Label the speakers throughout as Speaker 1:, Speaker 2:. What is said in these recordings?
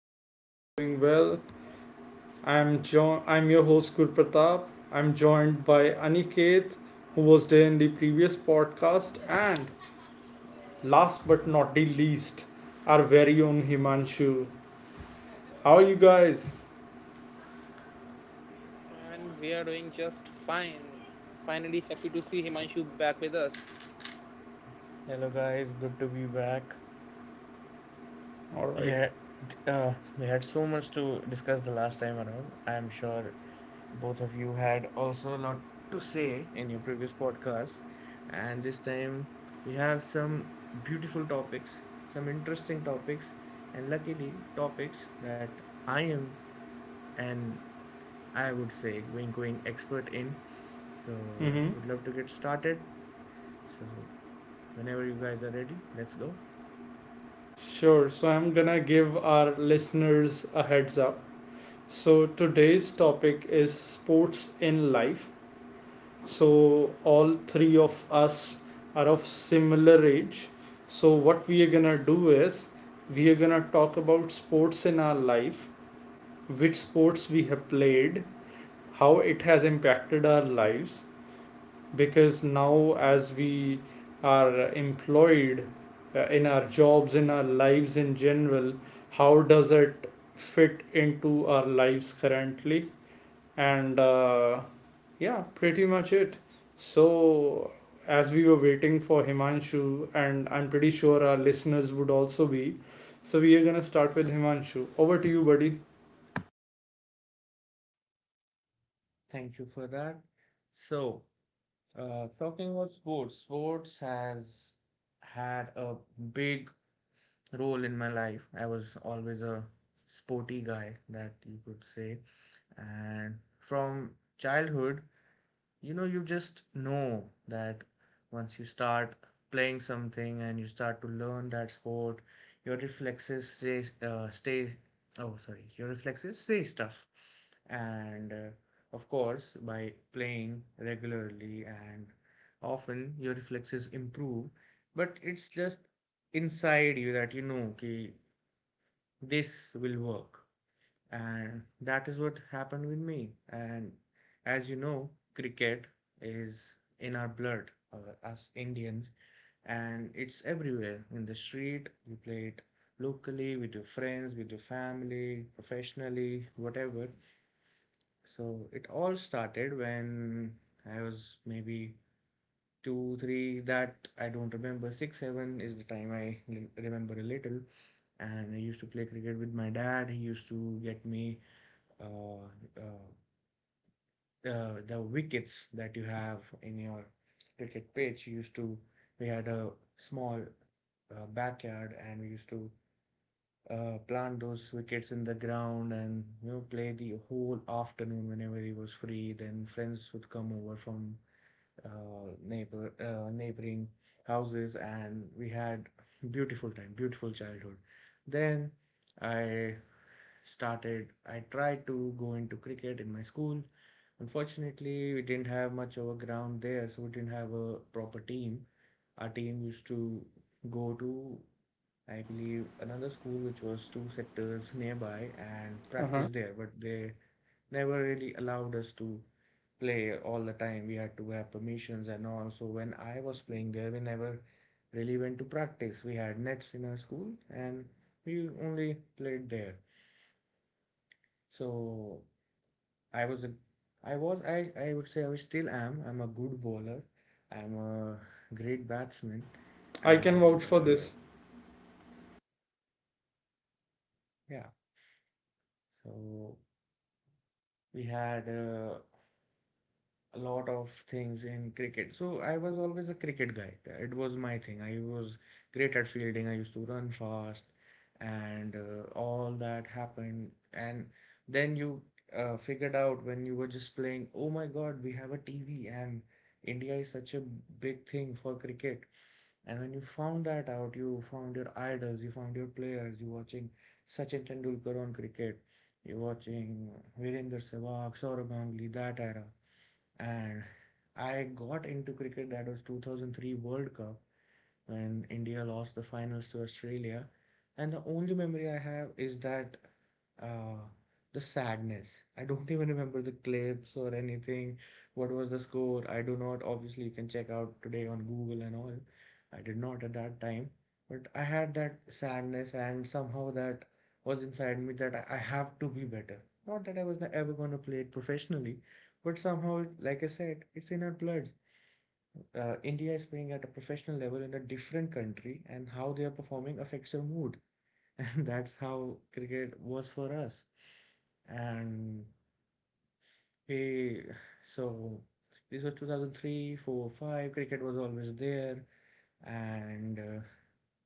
Speaker 1: you guys are doing well. I'm your host Gurpratap. I'm joined by Aniket, who was there in the previous podcast, and last but not the least, our very own Himanshu. How are you guys?
Speaker 2: And we are doing just fine. Finally, happy to see Himanshu back with us.
Speaker 3: Hello guys, good to be back.
Speaker 1: All right.
Speaker 3: Yeah, we had so much to discuss the last time around. I'm sure both of you had also a lot to say in your previous podcasts, and this time we have some beautiful topics, some interesting topics, and luckily topics that I am and I would say wink wink expert in. So
Speaker 1: Mm-hmm.
Speaker 3: would love to get started. So whenever you guys are ready, let's go.
Speaker 1: Sure. So I'm gonna give our listeners a heads up. So today's topic is sports in life, so all three of us are of similar age, so what we are gonna do is we are gonna talk about sports in our life, which sports we have played, how it has impacted our lives, because now as we are employed in our jobs, in our lives in general, how does it fit into our lives currently, and yeah, pretty much it. So, as we were waiting for Himanshu, and I'm pretty sure our listeners would also be, so we are gonna start with Himanshu. Over to you, buddy.
Speaker 3: Thank you for that. So, talking about sports, has had a big role in my life. I was always a sporty guy, that you could say. And from childhood, you know you just know that once you start playing something and you start to learn that sport, your reflexes say stuff and of course, by playing regularly and often, your reflexes improve, but it's just inside you that you know, okay, this will work. And that is what happened with me. And as you know, cricket is in our blood, us Indians, and it's everywhere. In the street you play it locally with your friends, with your family, professionally, whatever. So it all started when I was maybe two three, that I don't remember. Six seven is the time I remember a little. And I used to play cricket with my dad. He used to get me uh, uh, the wickets that you have in your cricket pitch. Used to we had a small backyard, and we used to plant those wickets in the ground, and you know, play the whole afternoon whenever he was free. Then friends would come over from neighboring houses, and we had beautiful time, beautiful childhood. Then I started I tried to go into cricket in my school. Unfortunately, we didn't have much of a ground there, so we didn't have a proper team. Our team used to go to, I believe, another school which was two sectors nearby, and
Speaker 1: Uh-huh.
Speaker 3: practice there, but they never really allowed us to play all the time. We had to have permissions and all. So when I was playing there, we never really went to practice. We had nets in our school, and we only played there. So I was a I was I would say I still am. I'm a good bowler. I'm a great batsman,
Speaker 1: I can vouch
Speaker 3: and
Speaker 1: for this.
Speaker 3: yeah. So we had a lot of things in cricket. So I was always a cricket guy. It was my thing. I was great at fielding. I used to run fast, and all that happened. And then you figured out when you were just playing, oh my God, we have a TV, and India is such a big thing for cricket. And when you found that out, you found your idols, you found your players. You're watching Sachin Tendulkar on cricket, you're watching Virendra Sehwag, Sourav Ganguly, that era. And I got into cricket. That was 2003 World Cup when India lost the finals to Australia. And the only memory I have is that, uh, the sadness. I don't even remember the clips or anything. What was the score? I do not. Obviously, you can check out today on Google and all. I did not at that time. But I had that sadness, and somehow that was inside me, that I have to be better. Not that I was ever going to play it professionally, but somehow, like I said, it's in our blood. India is playing at a professional level in a different country, and how they are performing affects your mood. And that's how cricket was for us. And we, so this was 2003, 4, 5. Cricket was always there, and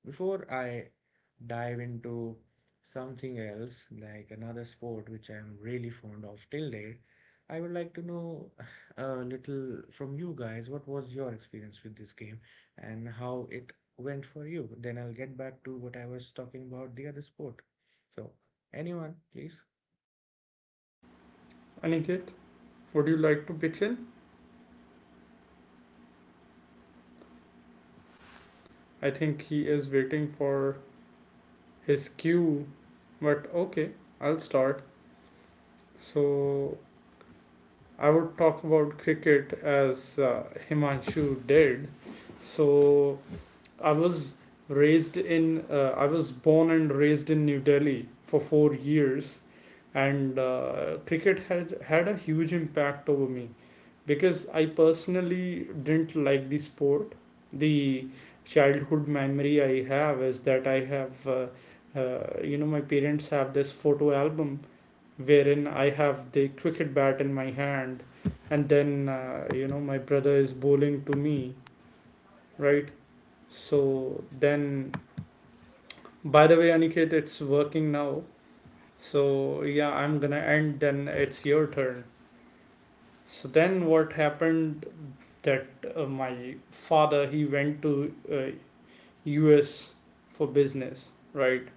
Speaker 3: before I dive into something else, like another sport which I'm really fond of till date, I would like to know a little from you guys what was your experience with this game and how it went for you. Then I'll get back to what I was talking about the other sport. So, anyone, please?
Speaker 1: Aniket, would you like to pitch in? I think he is waiting for his cue, but okay, I'll start. So, I would talk about cricket as Himanshu did. So, I was I was born and raised in New Delhi for 4 years, and cricket had had a huge impact over me because I personally didn't like the sport. The childhood memory I have is that you know, my parents have this photo album wherein I have the cricket bat in my hand, and then you know, my brother is bowling to me, right? So then By the way, Aniket, it's working now. So yeah, I'm gonna end. Then it's your turn. So then, what happened? That my father, he went to U.S. for business, right?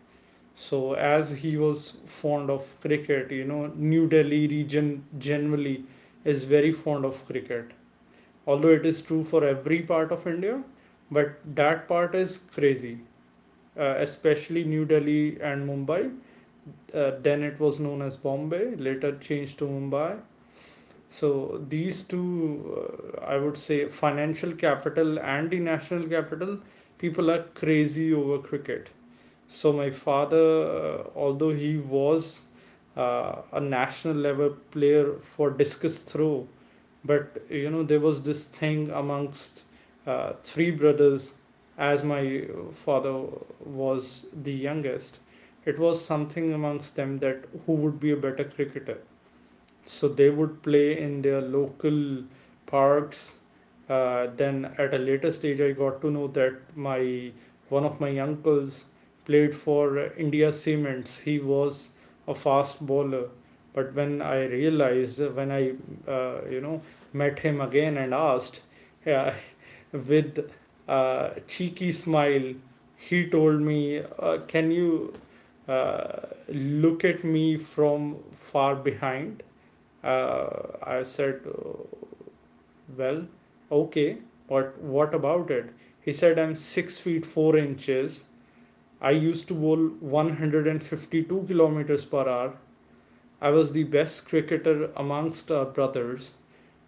Speaker 1: So as he was fond of cricket, you know, New Delhi region generally is very fond of cricket. Although it is true for every part of India, but that part is crazy, especially New Delhi and Mumbai. Then it was known as Bombay, later changed to Mumbai. So these two, I would say, financial capital and the national capital, people are crazy over cricket. So my father, although he was a national level player for discus throw, but you know, there was this thing amongst three brothers. As my father was the youngest, it was something amongst them that who would be a better cricketer, so they would play in their local parks. Then at a later stage, I got to know that my one of my uncles played for India Cements. He was a fast bowler. But when I realized, when I you know, met him again and asked, uh, with a cheeky smile, he told me, can you uh, look at me from far behind? I said, Well, okay, but what about it?" He said, "I'm 6 feet 4 inches. I used to bowl 152 kilometers per hour. I was the best cricketer amongst our brothers."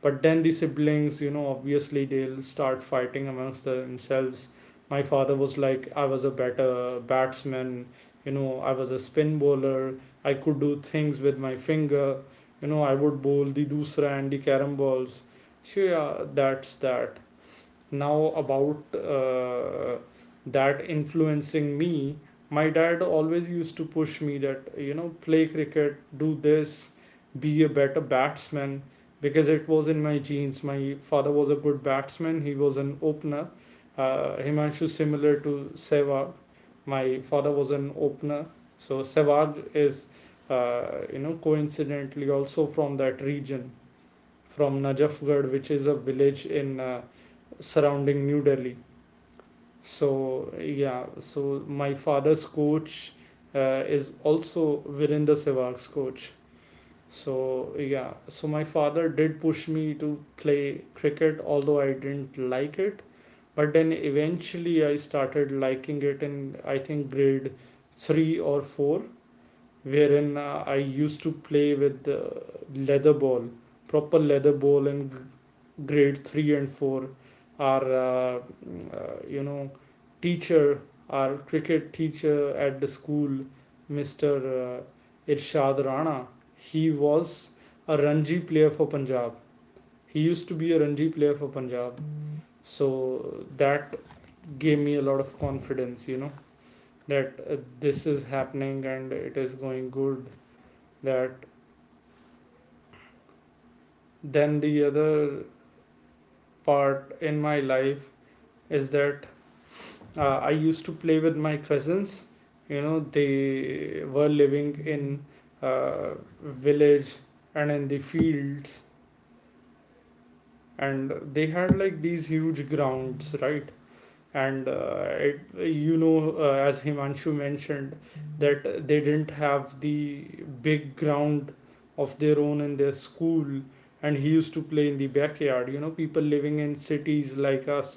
Speaker 1: But then the siblings, you know, obviously they'll start fighting amongst themselves. My father was like, I was a better batsman, you know, I was a spin bowler, I could do things with my finger, you know, I would bowl the dusra and the carom balls. So yeah, that's that. Now about that influencing me, my dad always used to push me that, you know, play cricket, do this, be a better batsman, because it was in my genes. My father was a good batsman, he was an opener. Himanshu, similar to Sehwag, my father was an opener. So Sehwag is you know, coincidentally also from that region, from Najafgarh, which is a village in surrounding New Delhi. So yeah, so my father's coach is also Virender Sehwag's coach. So yeah, so my father did push me to play cricket, although I didn't like it. But then eventually I started liking it in, I think, grade three or four, wherein I used to play with leather ball, proper leather ball, and grade 3 and 4, our you know, teacher, our cricket teacher at the school, Mr. Irshad Rana. He was a Ranji player for Punjab, he used to be a Ranji player for Punjab. So that gave me a lot of confidence, you know, that this is happening and it is going good. That, then the other part in my life is that I used to play with my cousins. You know, they were living in uh, village and in the fields, and they had like these huge grounds, right? And you know, as Himanshu mentioned, that they didn't have the big ground of their own in their school, and he used to play in the backyard. You know, people living in cities like us,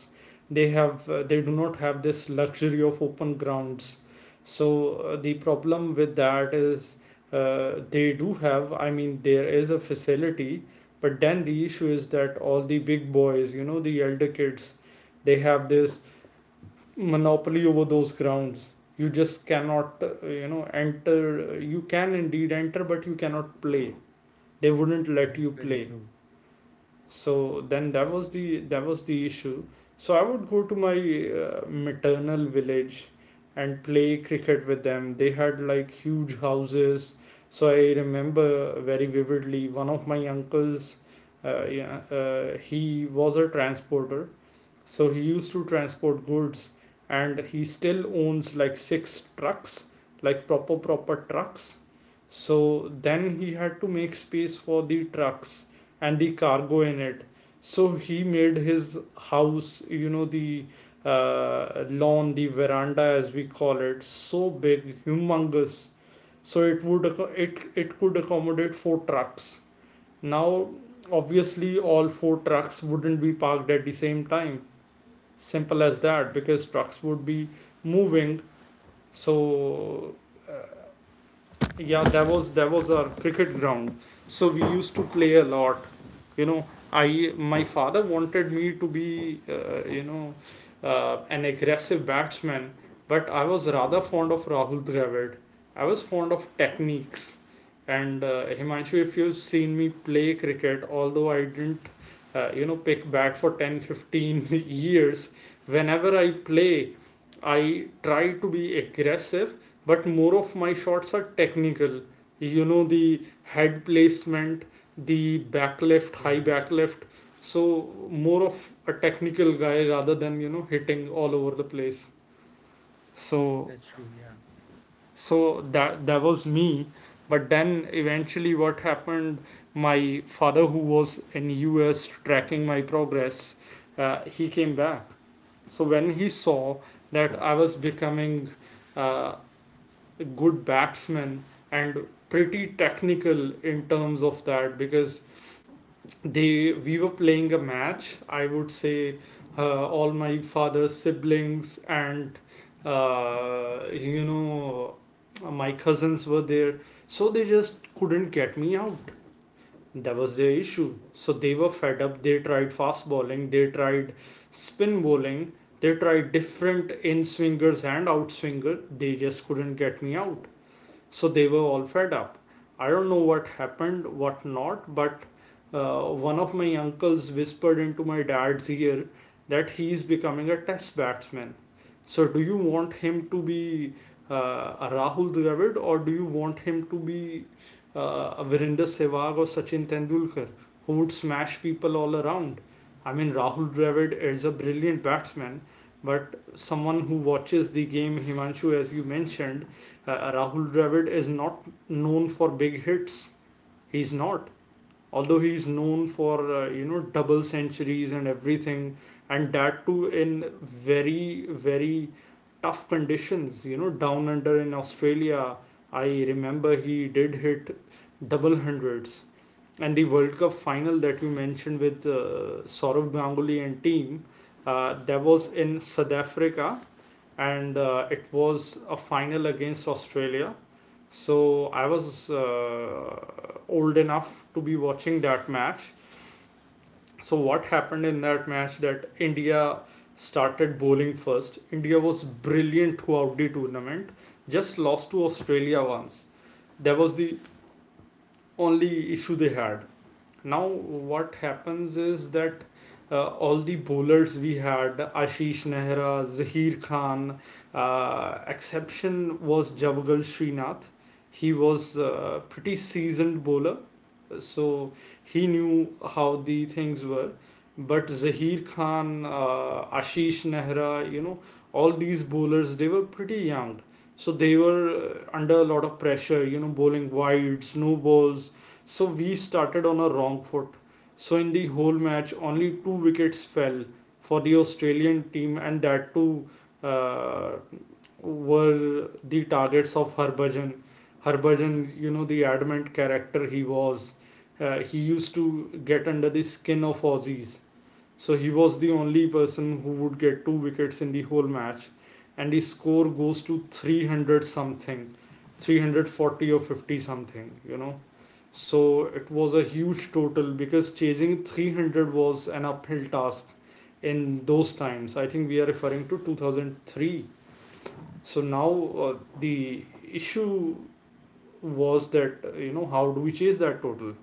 Speaker 1: they do not have this luxury of open grounds. So the problem with that is, they do have, I mean there is a facility, but then the issue is that all the big boys, you know, the elder kids, they have this monopoly over those grounds. You just cannot you know, enter. You can indeed enter, but you cannot play, they wouldn't let you
Speaker 3: That's very
Speaker 1: play.
Speaker 3: true.
Speaker 1: So then that was the issue. So I would go to my maternal village and play cricket with them. They had like huge houses. So I remember very vividly, one of my uncles, yeah, he was a transporter, so he used to transport goods, and he still owns like six trucks, like proper, proper trucks. So then he had to make space for the trucks and the cargo in it. So he made his house, you know, the lawn, the veranda as we call it, so big, humongous. So it would it it could accommodate four trucks. Now, obviously, all four trucks wouldn't be parked at the same time, simple as that, because trucks would be moving. So uh, yeah, that was our cricket ground. So we used to play a lot, you know. I my father wanted me to be you know, an aggressive batsman, but I was rather fond of Rahul Dravid. I was fond of techniques. And Himanshu, if you've seen me play cricket, although I didn't you know, pick bat for 10-15 years, whenever I play, I try to be aggressive, but more of my shots are technical. You know, the head placement, the back left, high
Speaker 3: Yeah,
Speaker 1: back left. So more of a technical guy rather than, you know, hitting all over the place. so
Speaker 3: that's true. Yeah.
Speaker 1: so that that was me. But then eventually, what happened, my father, who was in US tracking my progress, he came back. So when he saw that I was becoming uh, good batsmen and pretty technical in terms of that, because they we were playing a match, I would say, all my father's siblings and you know, my cousins were there, so they just couldn't get me out. That was their issue, so they were fed up. They tried fast bowling, they tried spin bowling, they tried different in swingers and out swinger, they just couldn't get me out. So they were all fed up. I don't know what happened, what not, but uh, one of my uncles whispered into my dad's ear that he is becoming a test batsman. So do you want him to be uh, a Rahul Dravid, or do you want him to be a Virender Sehwag or Sachin Tendulkar, who would smash people all around? I mean, Rahul Dravid is a brilliant batsman, but someone who watches the game, Himanshu, as you mentioned, Rahul Dravid is not known for big hits. He's not. Although he's known for you know, double centuries and everything, and that too in very very tough conditions. You know, down under in Australia, I remember he did hit double hundreds. And the World Cup final that you mentioned with Saurabh Ganguly and team, that was in South Africa, and it was a final against Australia. So I was old enough to be watching that match. So what happened in that match, that India started bowling first. India was brilliant throughout the tournament. Just lost to Australia once. That was the only issue they had. Now, what happens is that all the bowlers we had, Ashish Nehra, Zaheer Khan, exception was Javagal Srinath. He was a pretty seasoned bowler, so he knew how the things were. But Zaheer Khan, Ashish Nehra, you know, all these bowlers, they were pretty young. So they were under a lot of pressure, you know, bowling wides, no balls, so we started on a wrong foot. So in the whole match, only two wickets fell for the Australian team, and that too uh, were the targets of Harbhajan. Harbhajan, you know the adamant character he was. He used to get under the skin of Aussies. So he was the only person who would get two wickets in the whole match, and the score goes to 300 something, 340 or 50 something, you know. So it was a huge total because chasing 300 was an uphill task in those times. I think we are referring to 2003. So now the issue was that, you know, how do we chase that total?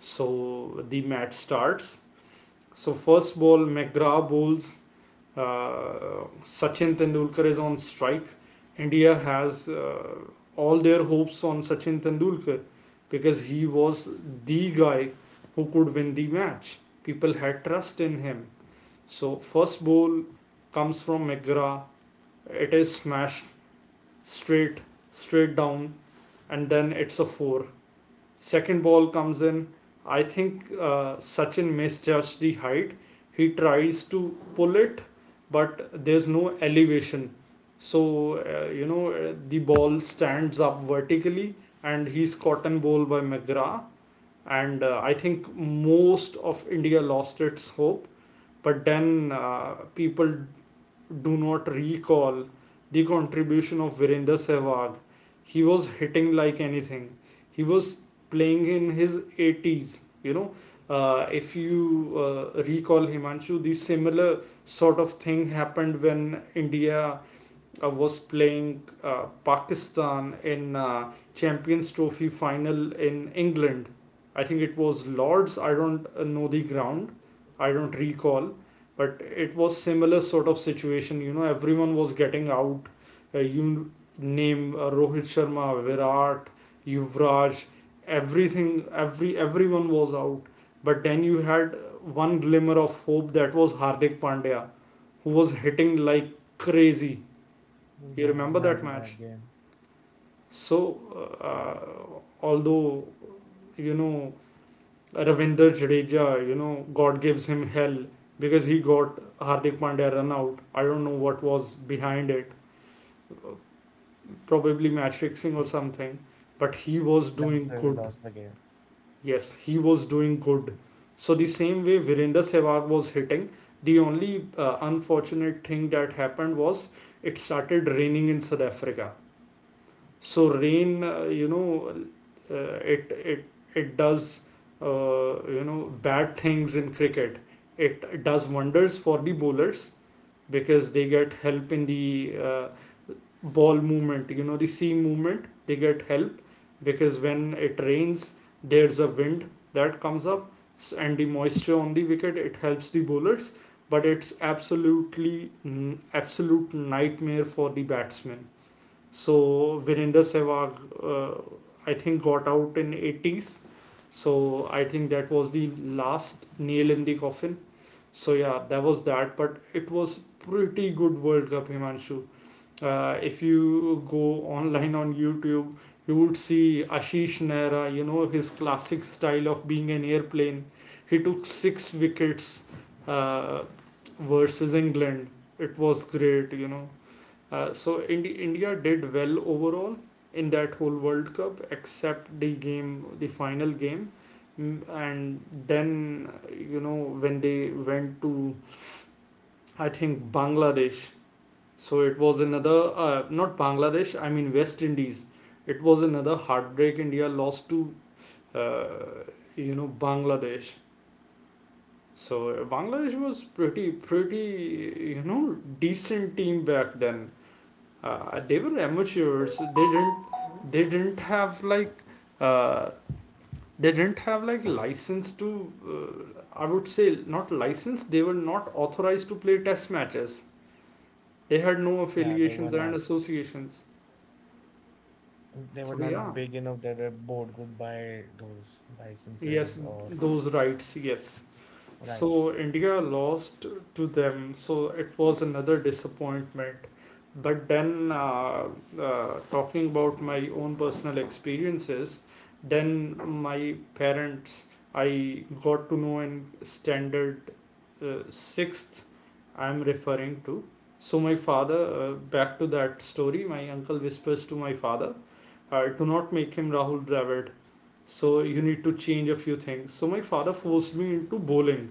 Speaker 1: So the match starts. So first ball, McGrath bowls, Sachin Tendulkar is on strike. India has, all their hopes on Sachin Tendulkar because he was the guy who could win the match. People had trust in him. So first ball comes from McGrath. It is smashed straight, straight down, and then it's a four. Second ball comes in. I think Sachin misjudged the height. He tries to pull it, but there's no elevation. So, you know, the ball stands up vertically and he's cotton ball by McGrath. And I think most of India lost its hope. But then people do not recall the contribution of Virender Sehwag. He was hitting like anything. He was playing in his 80s. You know, if you recall Himanshu, the similar sort of thing happened when India was playing Pakistan in Champions Trophy final in England. I think it was Lords. I don't know the ground. I don't recall, but it was similar sort of situation. You know, everyone was getting out. You name, Rohit Sharma, Virat, Yuvraj, everything. Everyone was out. But then you had one glimmer of hope that was Hardik Pandya, who was hitting like crazy. You
Speaker 3: Yeah, I
Speaker 1: remember that
Speaker 3: remember
Speaker 1: match?
Speaker 3: that game.
Speaker 1: So, although, you know, Ravinder Jadeja, you know, God gives him hell because he got Hardik Pandya run out. I don't know what was behind it. Probably match fixing or
Speaker 3: That-
Speaker 1: something. But he was
Speaker 3: That's
Speaker 1: doing
Speaker 3: where we
Speaker 1: good.
Speaker 3: lost the game.
Speaker 1: Yes, he was doing good. So the same way Virender Sehwag was hitting, the only unfortunate thing that happened was it started raining in South Africa. So rain, you know, it it does, you know, bad things in cricket. It does wonders for the bowlers because they get help in the, ball movement, you know, the seam movement they get help, because when it rains there's a wind that comes up and the moisture on the wicket it helps the bowlers, but it's absolute nightmare for the batsmen. So Virender Sehwag, uh, I think, got out in 80s. So I think that was the last nail in the coffin. So yeah, that was that. But it was pretty good World Cup, Himanshu. If you go online on YouTube, you would see Ashish Nehra. You know his classic style of being an airplane. He took six wickets uh, versus England. It was great, you know. So India did well overall in that whole World Cup, except the game, the final game. Mm. And then you know, when they went to, I think, Bangladesh. So it was another, not Bangladesh, I mean West Indies. It was another heartbreak. India lost to, uh, you know, Bangladesh. So Bangladesh was pretty you know decent team back then. They were amateurs. They didn't have like, uh, they didn't have like license to. Uh, I would say not license. They were not authorized to play test matches. They had no
Speaker 3: Yeah, they
Speaker 1: affiliations
Speaker 3: were
Speaker 1: and
Speaker 3: not.
Speaker 1: associations.
Speaker 3: They
Speaker 1: So
Speaker 3: were
Speaker 1: yeah,
Speaker 3: not big enough that the board could buy those
Speaker 1: yes,
Speaker 3: licenses or
Speaker 1: those rights. Yes.
Speaker 3: rights.
Speaker 1: So India lost to them, so it was another disappointment. But then, talking about my own personal experiences, then my parents, I got to know in standard, sixth, I'm referring to. So my father, back to that story, my uncle whispers to my father, "Do not make him Rahul Dravid. So you need to change a few things." So my father forced me into bowling,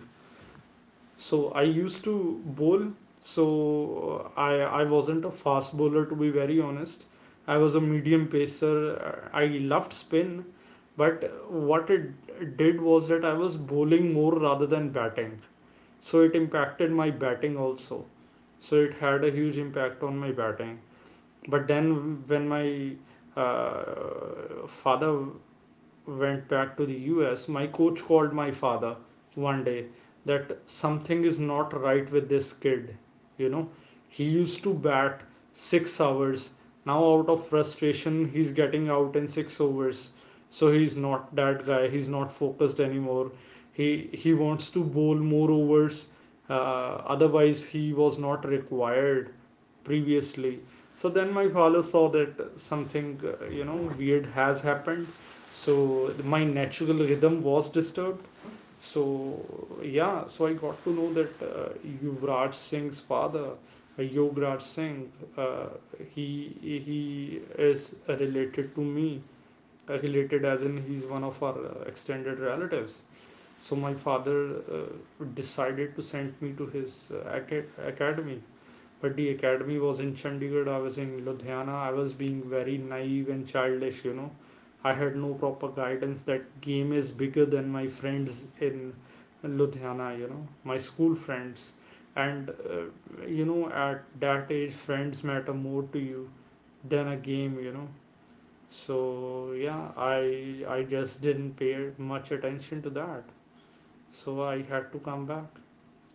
Speaker 1: so I used to bowl. So I wasn't a fast bowler to be very honest. I was a medium pacer. I loved spin, but what it did was that I was bowling more rather than batting. So it impacted my batting also. So it had a huge impact on my batting. But then when my father went back to the US, my coach called my father one day that something is not right with this kid. You know, he used to bat 6 hours. Now, out of frustration, he's getting out in six overs. So he's not that guy. He's not focused anymore. He wants to bowl more overs. Otherwise, he was not required previously. So then my father saw that something, you know, weird has happened. So my natural rhythm was disturbed. So yeah, so I got to know that, Yuvraj Singh's father, Yograj Singh, uh, he he is related to me. Related as in he's one of our, extended relatives. So my father, uh, decided to send me to his, academy, but the academy was in Chandigarh, I was in Ludhiana. I was being very naive and childish, you know. I had no proper guidance that game is bigger than my friends in Ludhiana, you know, my school friends. And, you know, at that age, friends matter more to you than a game, you know. So, yeah, I just didn't pay much attention to that. So I had to come back.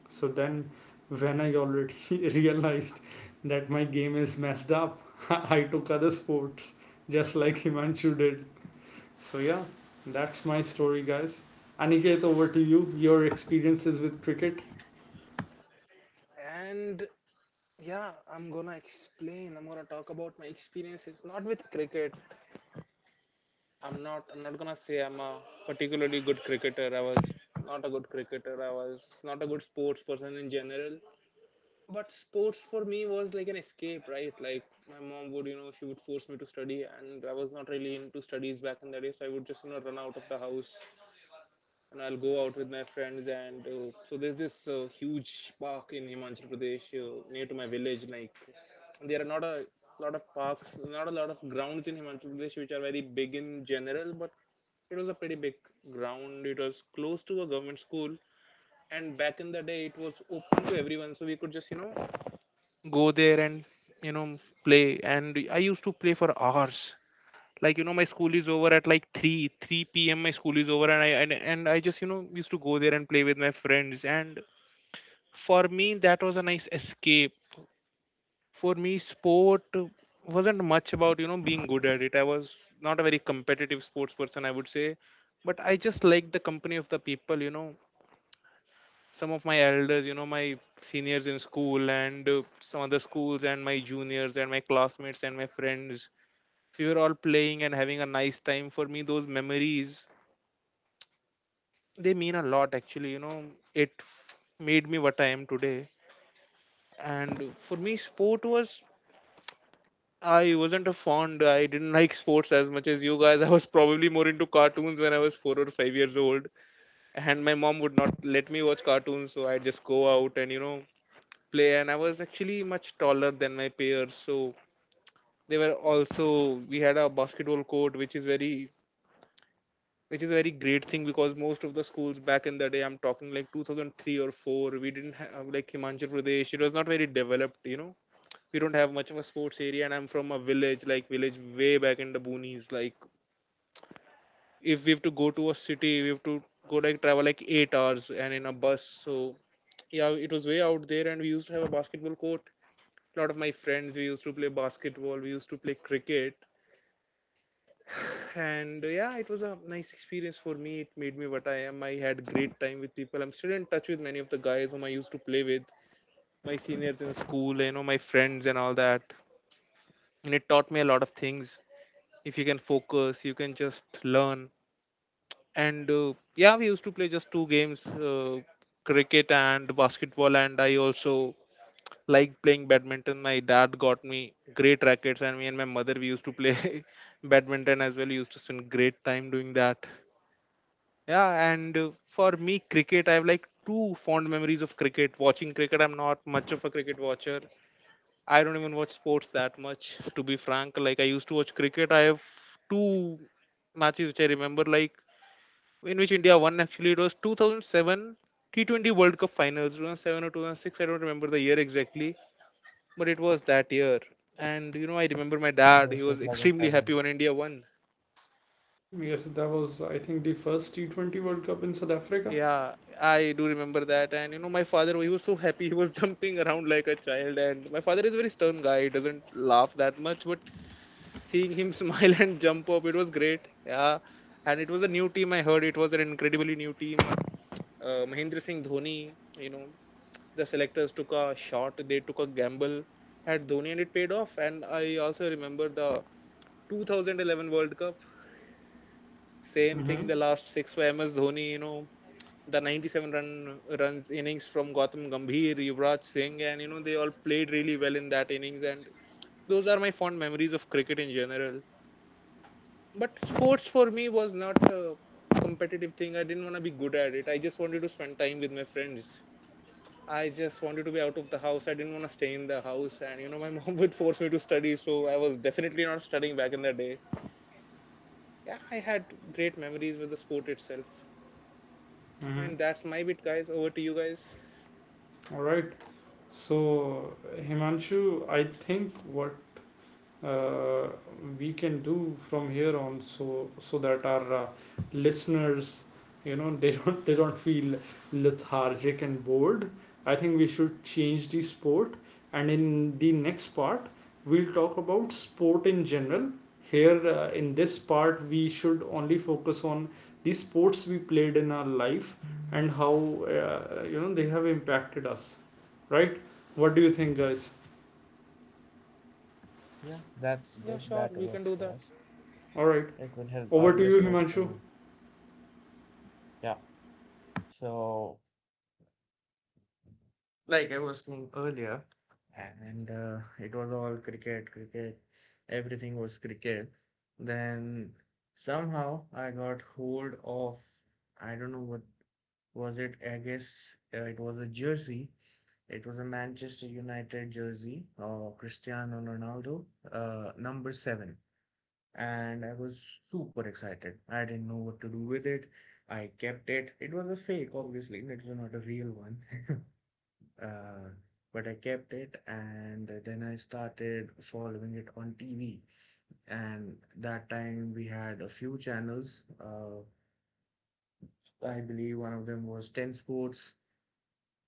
Speaker 1: So then, when I already realized that my game is messed up, I took other sports just like Himanshu did. So yeah, that's my story, guys. Aniket, over to you. Your experiences with cricket.
Speaker 2: And yeah, I'm gonna explain. I'm gonna talk about my experiences, not with cricket. I'm not. I'm not gonna say I'm a particularly good cricketer. I was not a good cricketer. I was not a good sports person in general. But sports for me was like an escape, right? Like my mom would, you know, she would force me to study, and I was not really into studies back in the day, so I would just, you know, run out of the house and I'll go out with my friends. And so there's this huge park in Himachal Pradesh near to my village. Like, there are not a lot of parks, not a lot of grounds in Himachal Pradesh which are very big in general, but it was a pretty big ground. It was close to a government school, and back in the day it was open to everyone, so we could just, you know, go there and, you know, play. And I used to play for hours, like, you know, my school is over at like 3 p.m. My school is over, and I just, you know, used to go there and play with my friends. And for me, that was a nice escape. For me, sport wasn't much about, you know, being good at it. I was not a very competitive sports person, I would say. But I just liked the company of the people, you know, some of my elders, you know, my seniors in school, and some other schools, and my juniors, and my classmates, and my friends. We were all playing and having a nice time. For me, those memories, they mean a lot, actually, you know. It made me what I am today. And for me, sport was, I wasn't a fond I didn't like sports as much as you guys I was probably more into cartoons when I was 4 or 5 years old, and my mom would not let me watch cartoons, so I'd just go out and, you know, play. And I was actually much taller than my peers, so they were also, we had a basketball court, which is very, which is a very great thing, because most of the schools back in the day, I'm talking like 2003 or 4, we didn't have like, Himachal Pradesh, it was not very developed, you know. We don't have much of a sports area, and I'm from a village, like, village way back in the boonies. Like, if we have to go to a city, we have to go, like, travel like 8 hours and in a bus. So yeah, it was way out there. And we used to have a basketball court. A lot of my friends, we used to play basketball, we used to play cricket, and yeah, it was a nice experience for me. It made me what I am. I had great time with people. I'm still in touch with many of the guys whom I used to play with, my seniors in school, you know, my friends, and all that. And it taught me a lot of things. If you can focus, you can just learn. And yeah, we used to play just two games, cricket and basketball. And I also like playing badminton. My dad got me great rackets, and me and my mother, we used to play badminton as well. We used to spend great time doing that. Yeah, and for me, cricket, I have like two fond memories of cricket. Watching cricket, I'm not much of a cricket watcher. I don't even watch sports that much, to be frank. Like, I used to watch cricket. I have two matches which I remember, like, in which India won, actually. It was 2007 T20 World Cup finals, 2007 or 2006. I don't remember the year exactly, but it was that year. And, you know, I remember my
Speaker 3: It
Speaker 2: dad, he
Speaker 3: was
Speaker 2: was extremely happy
Speaker 3: 2007.
Speaker 2: when India won.
Speaker 1: Yes, that was, I think, the first T20 World Cup in South Africa.
Speaker 2: Yeah, I do remember that. And you know, my father, he was so happy. He was jumping around like a child. And my father is a very stern guy. He doesn't laugh that much. But seeing him smile and jump up, it was great. Yeah. And it was a new team. I heard it was an incredibly new team. Mahendra Singh Dhoni, you know, the selectors took a shot. They took a gamble at Dhoni, and it paid off. And I also remember the 2011 World Cup. Same
Speaker 1: Mm-hmm.
Speaker 2: thing, the last six for MS Dhoni, you know, the 97 runs innings from Gautam Gambhir, Yuvraj Singh, and you know they all played really well in that innings. And those are my fond memories of cricket in general. But sports for me was not a competitive thing. I didn't want to be good at it. I just wanted to spend time with my friends. I just wanted to be out of the house. I didn't want to stay in the house. And you know, my mom would force me to study, so I was definitely not studying back in the day. Yeah, I had great memories with the sport itself.
Speaker 1: Mm-hmm.
Speaker 2: And that's my bit, guys. Over to you guys.
Speaker 1: All right. So, Himanshu, I think what uh, we can do from here on, so that our, listeners, you know, they don't feel lethargic and bored, I think we should change the sport, and in the next part we'll talk about sport in general. Here, in this part we should only focus on the sports we played in our life and how, you know, they have impacted us, right? What do you think, guys?
Speaker 3: Yeah, that's
Speaker 2: Yeah,
Speaker 3: good.
Speaker 2: sure,
Speaker 3: That
Speaker 2: we can do
Speaker 3: works
Speaker 2: that.
Speaker 3: for us.
Speaker 1: All right.
Speaker 3: It will help our
Speaker 1: Over to you,
Speaker 3: listeners
Speaker 1: Himanshu.
Speaker 3: to, yeah. So, like I was saying earlier, and it was all cricket, cricket, everything was cricket. Then somehow I got hold of, I don't know what was it, I guess it was a jersey. It was a Manchester United jersey, Cristiano Ronaldo, number seven. And I was super excited. I didn't know what to do with it. I kept it. It was a fake, obviously. It was not a real one. uh, but I kept it, and then I started following it on TV. And that time we had a few channels. I believe one of them was 10 Sports,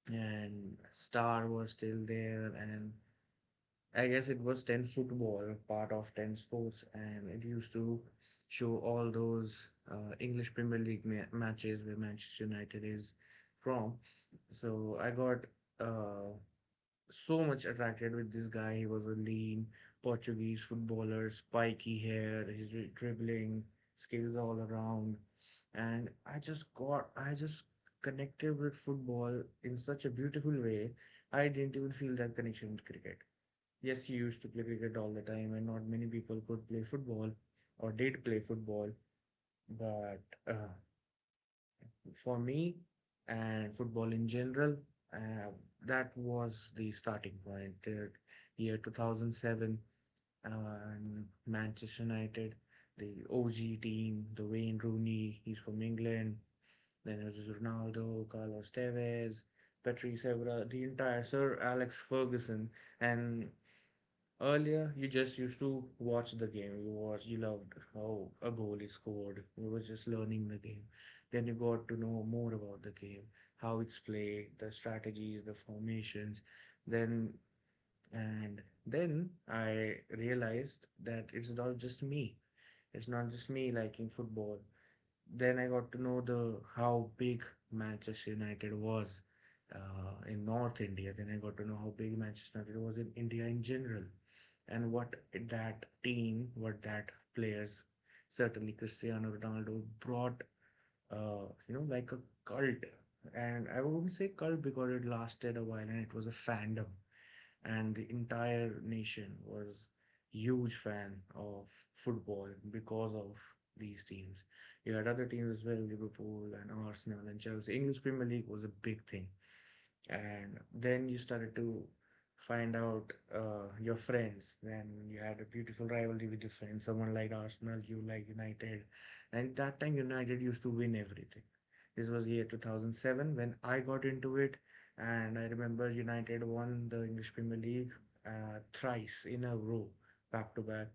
Speaker 3: and Star was still there, and I guess it was 10 football, part of 10 sports, and it used to show all those English Premier League matches where Manchester United is from. So I got uh, so much attracted with this guy. He was a lean Portuguese footballer, spiky hair, his dribbling skills all around, and I just got I just connected with football in such a beautiful way. I didn't even feel that connection with cricket. Yes, he used to play cricket all the time, and not many people could play football or did play football. But uh, for me and football in general, uh, that was the starting point. The year 2007, Manchester United, the OG team, the Wayne Rooney, he's from England. Then it was Ronaldo, Carlos Tevez, Patrice Evra, the entire Sir Alex Ferguson, and earlier, you just used to watch the game. You watched, you loved how a goal is scored. You were just learning the game. Then you got to know more about the game, how it's played, the strategies, the formations. Then, and then I realized that it's not just me. It's not just me liking football. Then I got to know the how big Manchester United was in North India. Then I got to know how big Manchester United was in India in general, and what that players, certainly Cristiano Ronaldo brought, like a cult. And I wouldn't say cult because it lasted a while and it was a fandom, and the entire nation was huge fan of football because of these teams. You had other teams as well, Liverpool and Arsenal and Chelsea. English Premier League was a big thing, and then you started to find out your friends. Then you had a beautiful rivalry with your friends. Someone like Arsenal, you like United, and that time United used to win everything. This was year 2007 when I got into it, and I remember United won the English Premier League thrice in a row, back to back,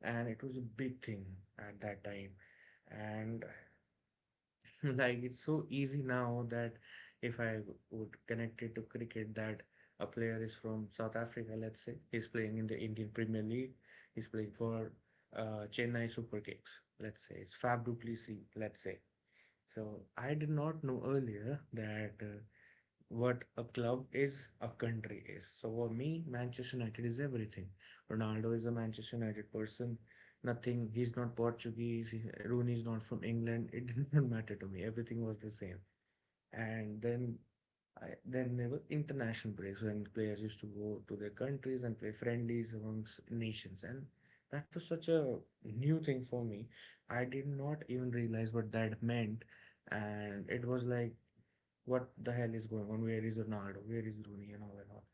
Speaker 3: and it was a big thing at that time. And like it's so easy now, that if I would connect it to cricket, that a player is from South Africa, let's say, he's playing in the Indian Premier League, he's playing for Chennai Super Kings, let's say, it's Fab Duplessis, let's say. So I did not know earlier that what a club is, a country is. So for me, Manchester United is everything. Ronaldo is a Manchester United person. Nothing. He's not Portuguese. Rooney is not from England. It didn't matter to me. Everything was the same. And then I then there were international breaks when players used to go to their countries and play friendlies amongst nations. And that was such a new thing for me. I did not even realize what that meant. And it was like, what the hell is going on? Where is Ronaldo? Where is Rooney? And all and all.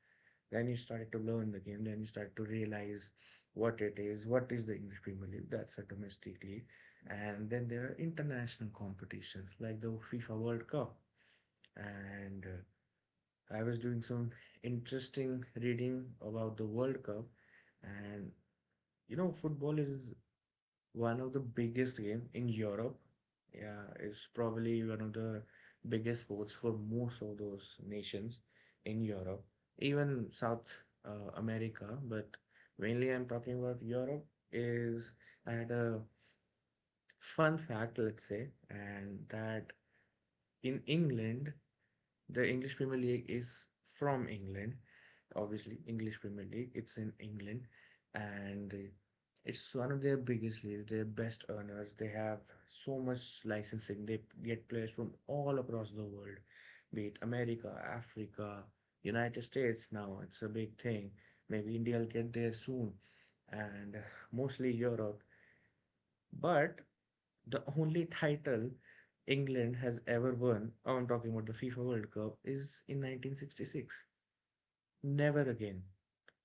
Speaker 3: Then you started to learn the game. Then you started to realize what it is. What is the English Premier League? That's a domestic league. And then there are international competitions like the FIFA World Cup. And I was doing some interesting reading about the World Cup. And football is one of the biggest game in Europe. Yeah, it's probably one of the biggest sports for most of those nations in Europe, even South America. But mainly, I'm talking about Europe. Is I had a fun fact, let's say, and that in England, the English Premier League is from England, obviously English Premier League. It's in England, and it's one of their biggest leagues. Their best earners. They have so much licensing. They get players from all across the world, be it America, Africa, United States. Now it's a big thing. Maybe India will get there soon, and mostly Europe. But the only title England has ever won, oh, I'm talking about the FIFA World Cup, is in 1966. Never again.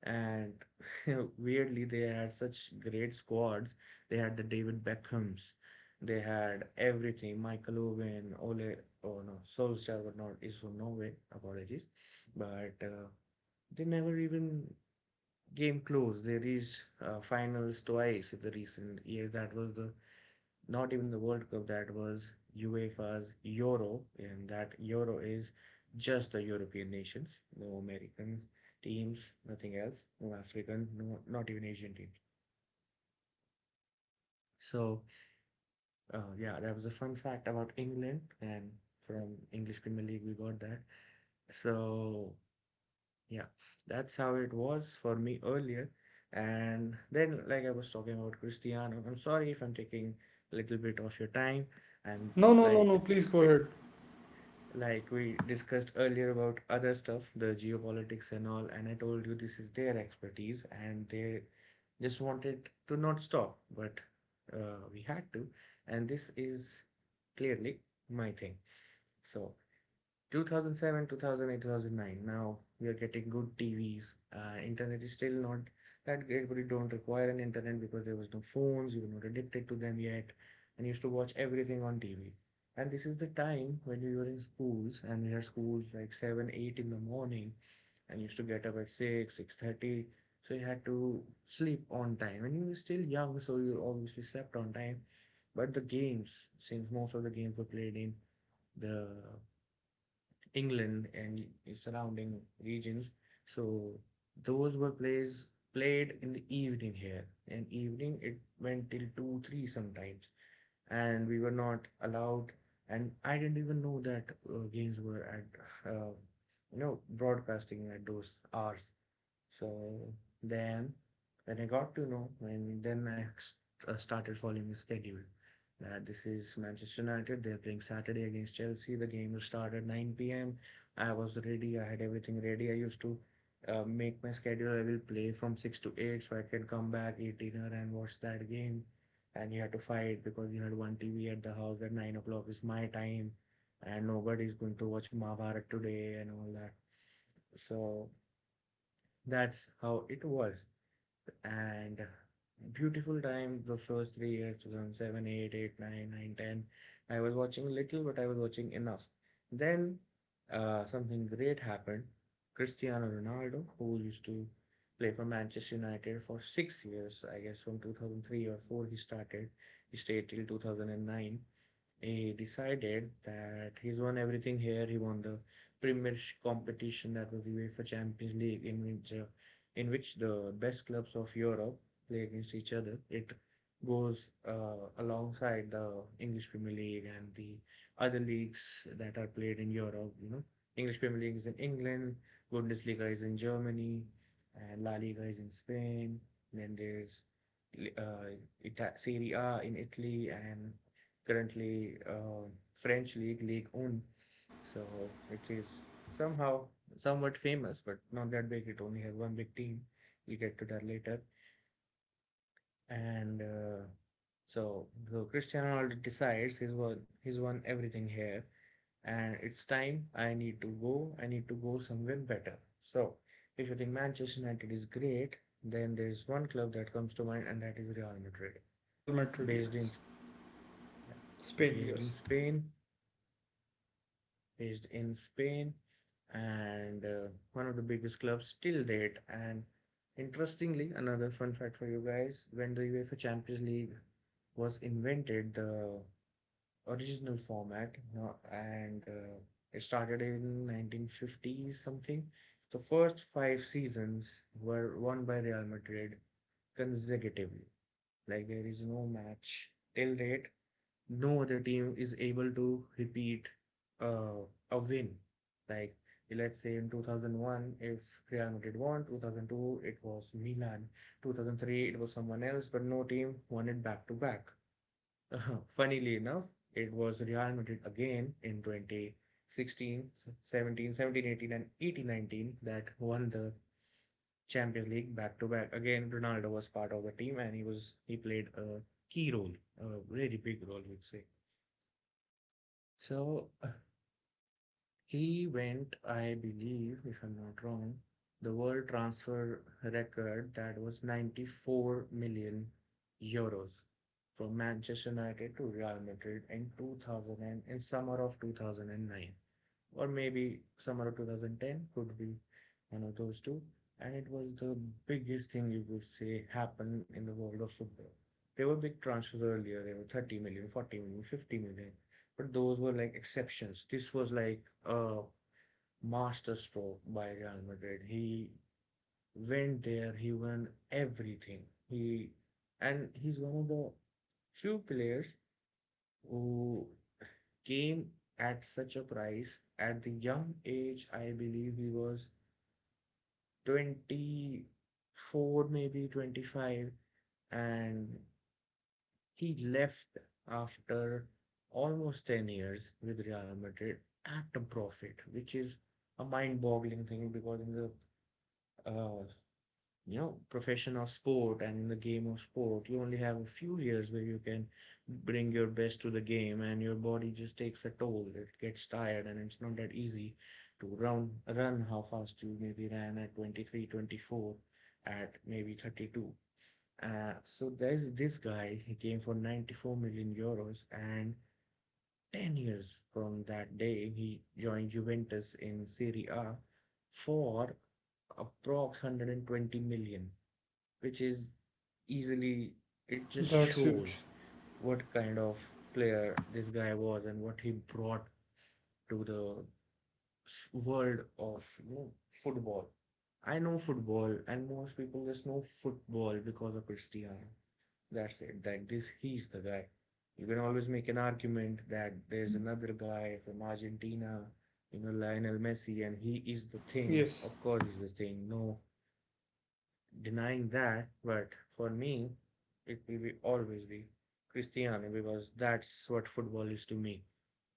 Speaker 3: And weirdly, they had such great squads. They had the David Beckhams. They had everything. Michael Owen, Ole, oh no, Solskjaer, but not, is from Norway. Apologies. But they never even came close. They reached finals twice in the recent year. That was the not even the World Cup, that was UEFA's Euro, and that Euro is just the European nations, no American teams, nothing else, no African, no, not even Asian teams. So, yeah, that was a fun fact about England, and from English Premier League, we got that. So, yeah, that's how it was for me earlier. And then, like I was talking about Cristiano, I'm sorry if I'm taking a little bit of your time. I'm
Speaker 1: No, no, no, no.
Speaker 3: like,
Speaker 1: Please go ahead.
Speaker 3: like we discussed earlier about other stuff, the geopolitics and all, and I told you this is their expertise, and they just wanted to not stop, but we had to, and this is clearly my thing. So 2007, 2008, 2009. Now we are getting good TVs. Internet is still not that great, but you don't require an internet because there was no phones. You were not addicted to them yet, and you used to watch everything on TV. And this is the time when we were in schools, and we had schools like 7, 8 in the morning, and used to get up at 6, 6:30. So you had to sleep on time, and you were still young, so you obviously slept on time. But the games, since most of the games were played in the England and surrounding regions. So those were plays played in the evening here. In evening it went till 2, 3 sometimes, and we were not allowed. And I didn't even know that games were at broadcasting at those hours. So then, when I got to know, and then I started following the schedule. That this is Manchester United. They're playing Saturday against Chelsea. The game will start at 9 p.m. I was ready. I had everything ready. I used to make my schedule. I will play from 6 to 8 so I can come back, eat dinner, and watch that game. And you had to fight because you had one TV at the house that 9 o'clock is my time, and nobody is going to watch Mahabharat today and all that. So that's how it was. And beautiful time, the first 3 years, 2007, 8, 8, 9, 9, 10, I was watching little, but I was watching enough. Then something great happened. Cristiano Ronaldo, who used to play for Manchester United for 6 years, I guess, from 2003 or 4, he started, he stayed till 2009. He decided that he's won everything here. He won the premier competition, that was the UEFA Champions League, in which the best clubs of Europe play against each other. It goes alongside the English Premier League and the other leagues that are played in Europe. You know, English Premier League is in England, Bundesliga is in Germany, and La Liga is in Spain. Then there's uh, Serie A in Italy, and currently French league, League One. So, which is somehow somewhat famous, but not that big. It only has one big team. We'll get to that later. And so, Cristiano Ronaldo decides he's won everything here, and it's time. I need to go. I need to go somewhere better. So if you think Manchester United is great, then there is one club that comes to mind, and that is Real Madrid,
Speaker 1: Real Madrid,
Speaker 3: based in
Speaker 1: yes.
Speaker 3: yeah,
Speaker 1: Spain,
Speaker 3: based in
Speaker 1: yes.
Speaker 3: Spain, and one of the biggest clubs till date. And interestingly, another fun fact for you guys, when the UEFA Champions League was invented, the original format, no, and it started in 1950 something. The first five seasons were won by Real Madrid consecutively. Like there is no match till date. No other team is able to repeat uh, a win. Like let's say in 2001, if Real Madrid won, 2002 it was Milan, 2003 it was someone else, but no team won it back to back. Uh-huh. Funnily enough, it was Real Madrid again in 2016, 17, 17, 18, and 18, 19 that won the Champions League back to back. Again, Ronaldo was part of the team, and he played a key role, a really big role, you'd say. So he went, I believe, if I'm not wrong, the world transfer record, that was 94 million euros from Manchester United to Real Madrid, in summer of 2009, or maybe summer of 2010, could be one of those two, and it was the biggest thing you could say happened in the world of football. There were big transfers earlier. There were 30 million, 40 million, 50 million, but those were like exceptions. This was like a masterstroke by Real Madrid. He went there, he won everything. He he's one of the few players who came at such a price at the young age. I believe he was 24, maybe 25, and he left after almost 10 years with Real Madrid at a profit, which is a mind-boggling thing, because in the uh, profession of sport, and in the game of sport, you only have a few years where you can bring your best to the game, and your body just takes a toll. It gets tired, and it's not that easy to run how fast you maybe ran at 23, 24 at maybe 32. So there's this guy, he came for €94 million, and 10 years from that day, he joined Juventus in Serie A for approx 120 million, which is easily, it just
Speaker 1: That's huge.
Speaker 3: shows what kind of player this guy was and what he brought to the world of football. I know football, and most people just know football because of Cristiano. That's it. That this He's the guy. You can always make an argument that there's another guy from Argentina, Lionel Messi, and he is the thing.
Speaker 1: Yes.
Speaker 3: Of course, he's the thing. No, denying that, but for me, it will be always be Cristiano, because that's what football is to me.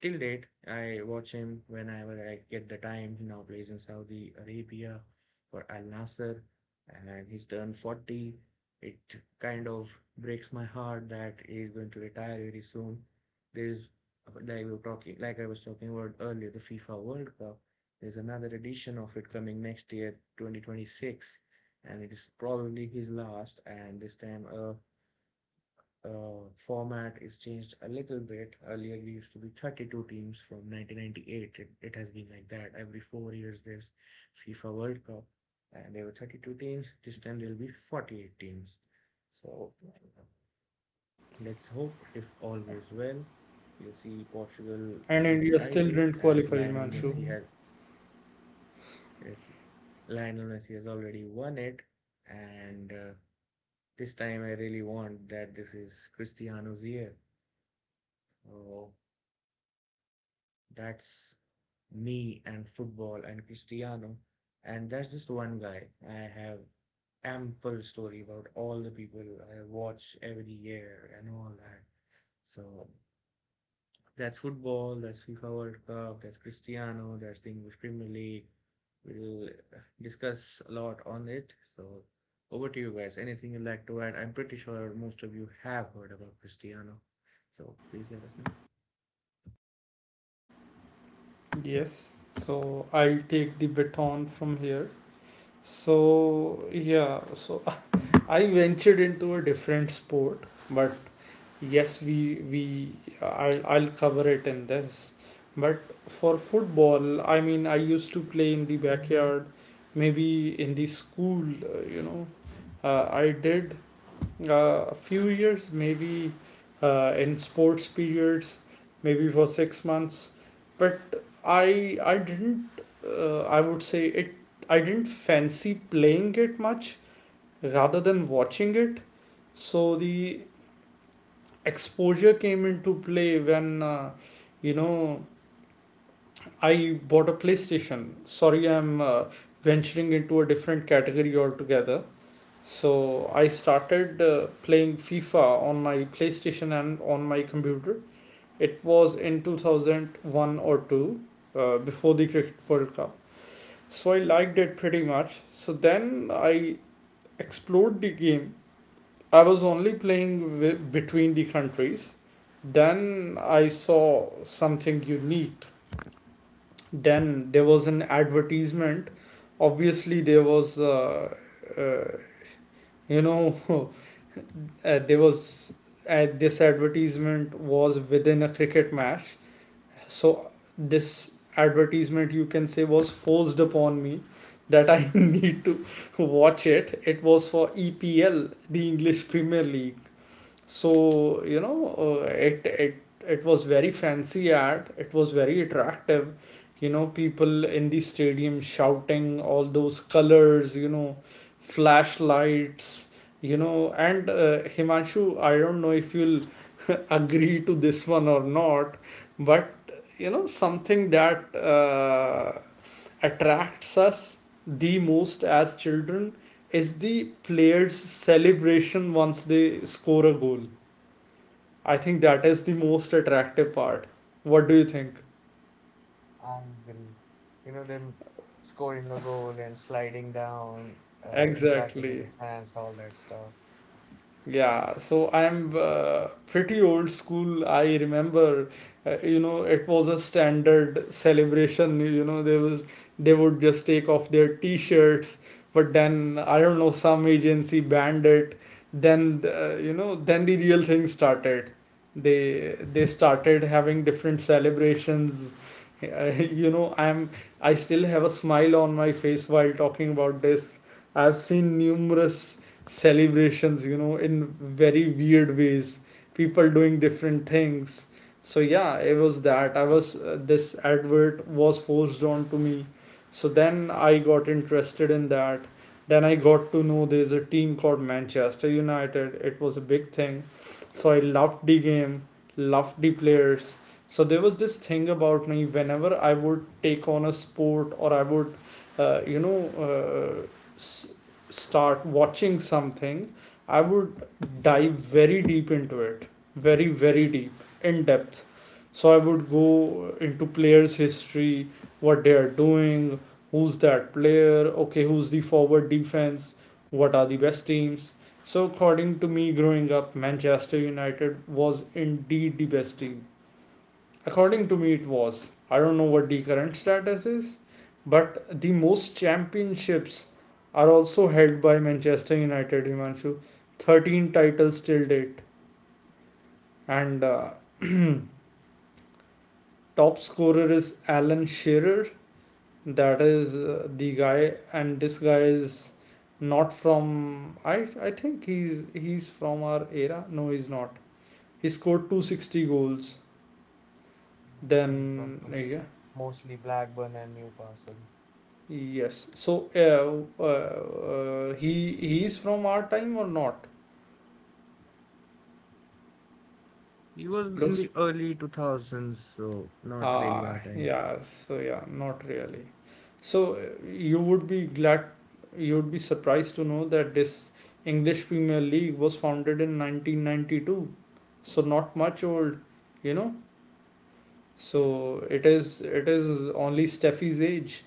Speaker 3: Till date, I watch him whenever I get the time. He now plays in Saudi Arabia for Al Nassr, and he's turned 40. It kind of breaks my heart that he's going to retire very soon. There's like I was talking about earlier, the FIFA World Cup. There's another edition of it coming next year, 2026, and it is probably his last. And this time, a format is changed a little bit. Earlier, we used to be 32 teams from 1998. It has been like that every 4 years. There's FIFA World Cup, and there were 32 teams. This time there will be 48 teams. So let's hope if all goes well, we'll see Portugal
Speaker 1: And
Speaker 3: with the
Speaker 1: India still
Speaker 3: title,
Speaker 1: didn't qualify, Himanshu.
Speaker 3: as lionel messi has already won it. And this time I really want that this is Cristiano's year. Oh, that's me and football and Cristiano. And that's just one guy. I have ample story about all the people I watch every year and all that. So that's football, that's FIFA World Cup, that's Cristiano, that's the English Premier League. We'll discuss a lot on it. So, over to you guys. Anything you'd like to add? I'm pretty sure most of you have heard about Cristiano. So, please let us know.
Speaker 1: Yes. So I'll take the baton from here. So, yeah. So I ventured into a different sport, but yes, I'll cover it in this. But for football, I mean, I used to play in the backyard, maybe in the school, you know. I did, a few years, maybe in sports periods, maybe for 6 months. But I didn't I would say it, I didn't fancy playing it much rather than watching it. So the exposure came into play when, you know, I bought a PlayStation. Sorry, I'm, venturing into a different category altogether. So I started playing FIFA on my PlayStation and on my computer. It was in 2001 or 2, before the Cricket World Cup. So I liked it pretty much. So then I explored the game. I was only playing between the countries. Then I saw something unique. Then there was an advertisement. Obviously, there was uh, you know, there was, this advertisement was within a cricket match. So this advertisement, you can say, was forced upon me that I need to watch it. It was for EPL, the English Premier League. So you know, uh, it it it was very fancy ad, it was very attractive, you know, people in the stadium shouting, all those colors, you know, flashlights, you know. And Himanshu, I don't know if you'll agree to this one or not, but you know, something that, attracts us the most as children is the players celebration once they score a goal. I think that is the most attractive part. What do you think?
Speaker 3: Angry. You know, them scoring a goal and sliding down, interacting with
Speaker 1: Exactly.
Speaker 3: the fans, all that stuff.
Speaker 1: Yeah, so I'm pretty old school. I remember, you know, it was a standard celebration. You know, they would just take off their t-shirts, but then I don't know some agency banned it. Then you know, then the real thing started. They started having different celebrations. Uh, you know, I'm, I still have a smile on my face while talking about this. I've seen numerous celebrations, you know, in very weird ways, people doing different things. So yeah, it was that. I was this advert was forced on to me, so then I got interested in that. Then I got to know there's a team called Manchester United. It was a big thing, so I loved the game, loved the players. So there was this thing about me: whenever I would take on a sport or I would uh, you know uh, start watching something, I would dive very deep into it, very, very deep, in depth. So I would go into players' history, what they are doing, who's that player, okay, who's the forward defense, what are the best teams. So according to me, growing up, Manchester United was indeed the best team. According to me, it was. I don't know what the current status is, but the most championships are also held by Manchester United, Himanshu. 13 titles till date. And top scorer is Alan Shearer. That is the guy, and this guy is not from. I think he's from our era. No, he's not. He scored 260 goals.
Speaker 3: He's from,
Speaker 1: Then
Speaker 3: from
Speaker 1: yeah,
Speaker 3: mostly Blackburn and Newcastle.
Speaker 1: yes. So, he is from our time or not?
Speaker 3: He was in
Speaker 1: Looks.
Speaker 3: the early 2000s, so not really
Speaker 1: Ah,
Speaker 3: our time.
Speaker 1: yeah. So yeah, not really. So you would be glad, you would be surprised to know that this English Premier League was founded in 1992. So not much old, you know. So it is only Steffi's age.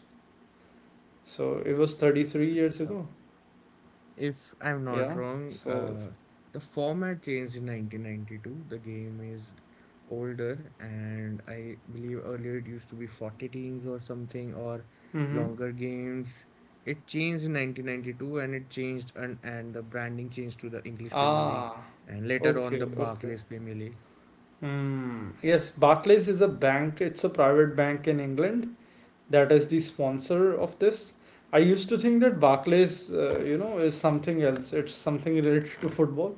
Speaker 1: So it was 33
Speaker 3: So-
Speaker 1: years
Speaker 3: so
Speaker 1: ago.
Speaker 3: If I'm not
Speaker 1: Yeah.
Speaker 3: wrong,
Speaker 1: So.
Speaker 3: uh, the format changed in 1992. The game is older, and I believe earlier it used to be 40 teams or something, or
Speaker 1: Mm-hmm.
Speaker 3: longer games. It changed in 1992, and it changed, and the branding changed to the English Premier League,
Speaker 1: Ah.
Speaker 3: and later on the
Speaker 1: Okay. Okay.
Speaker 3: Barclays Premier League.
Speaker 1: Hmm. Yes, Barclays is a bank. It's a private bank in England that is the sponsor of this. I used to think that Barclays, is something else. It's something related to football.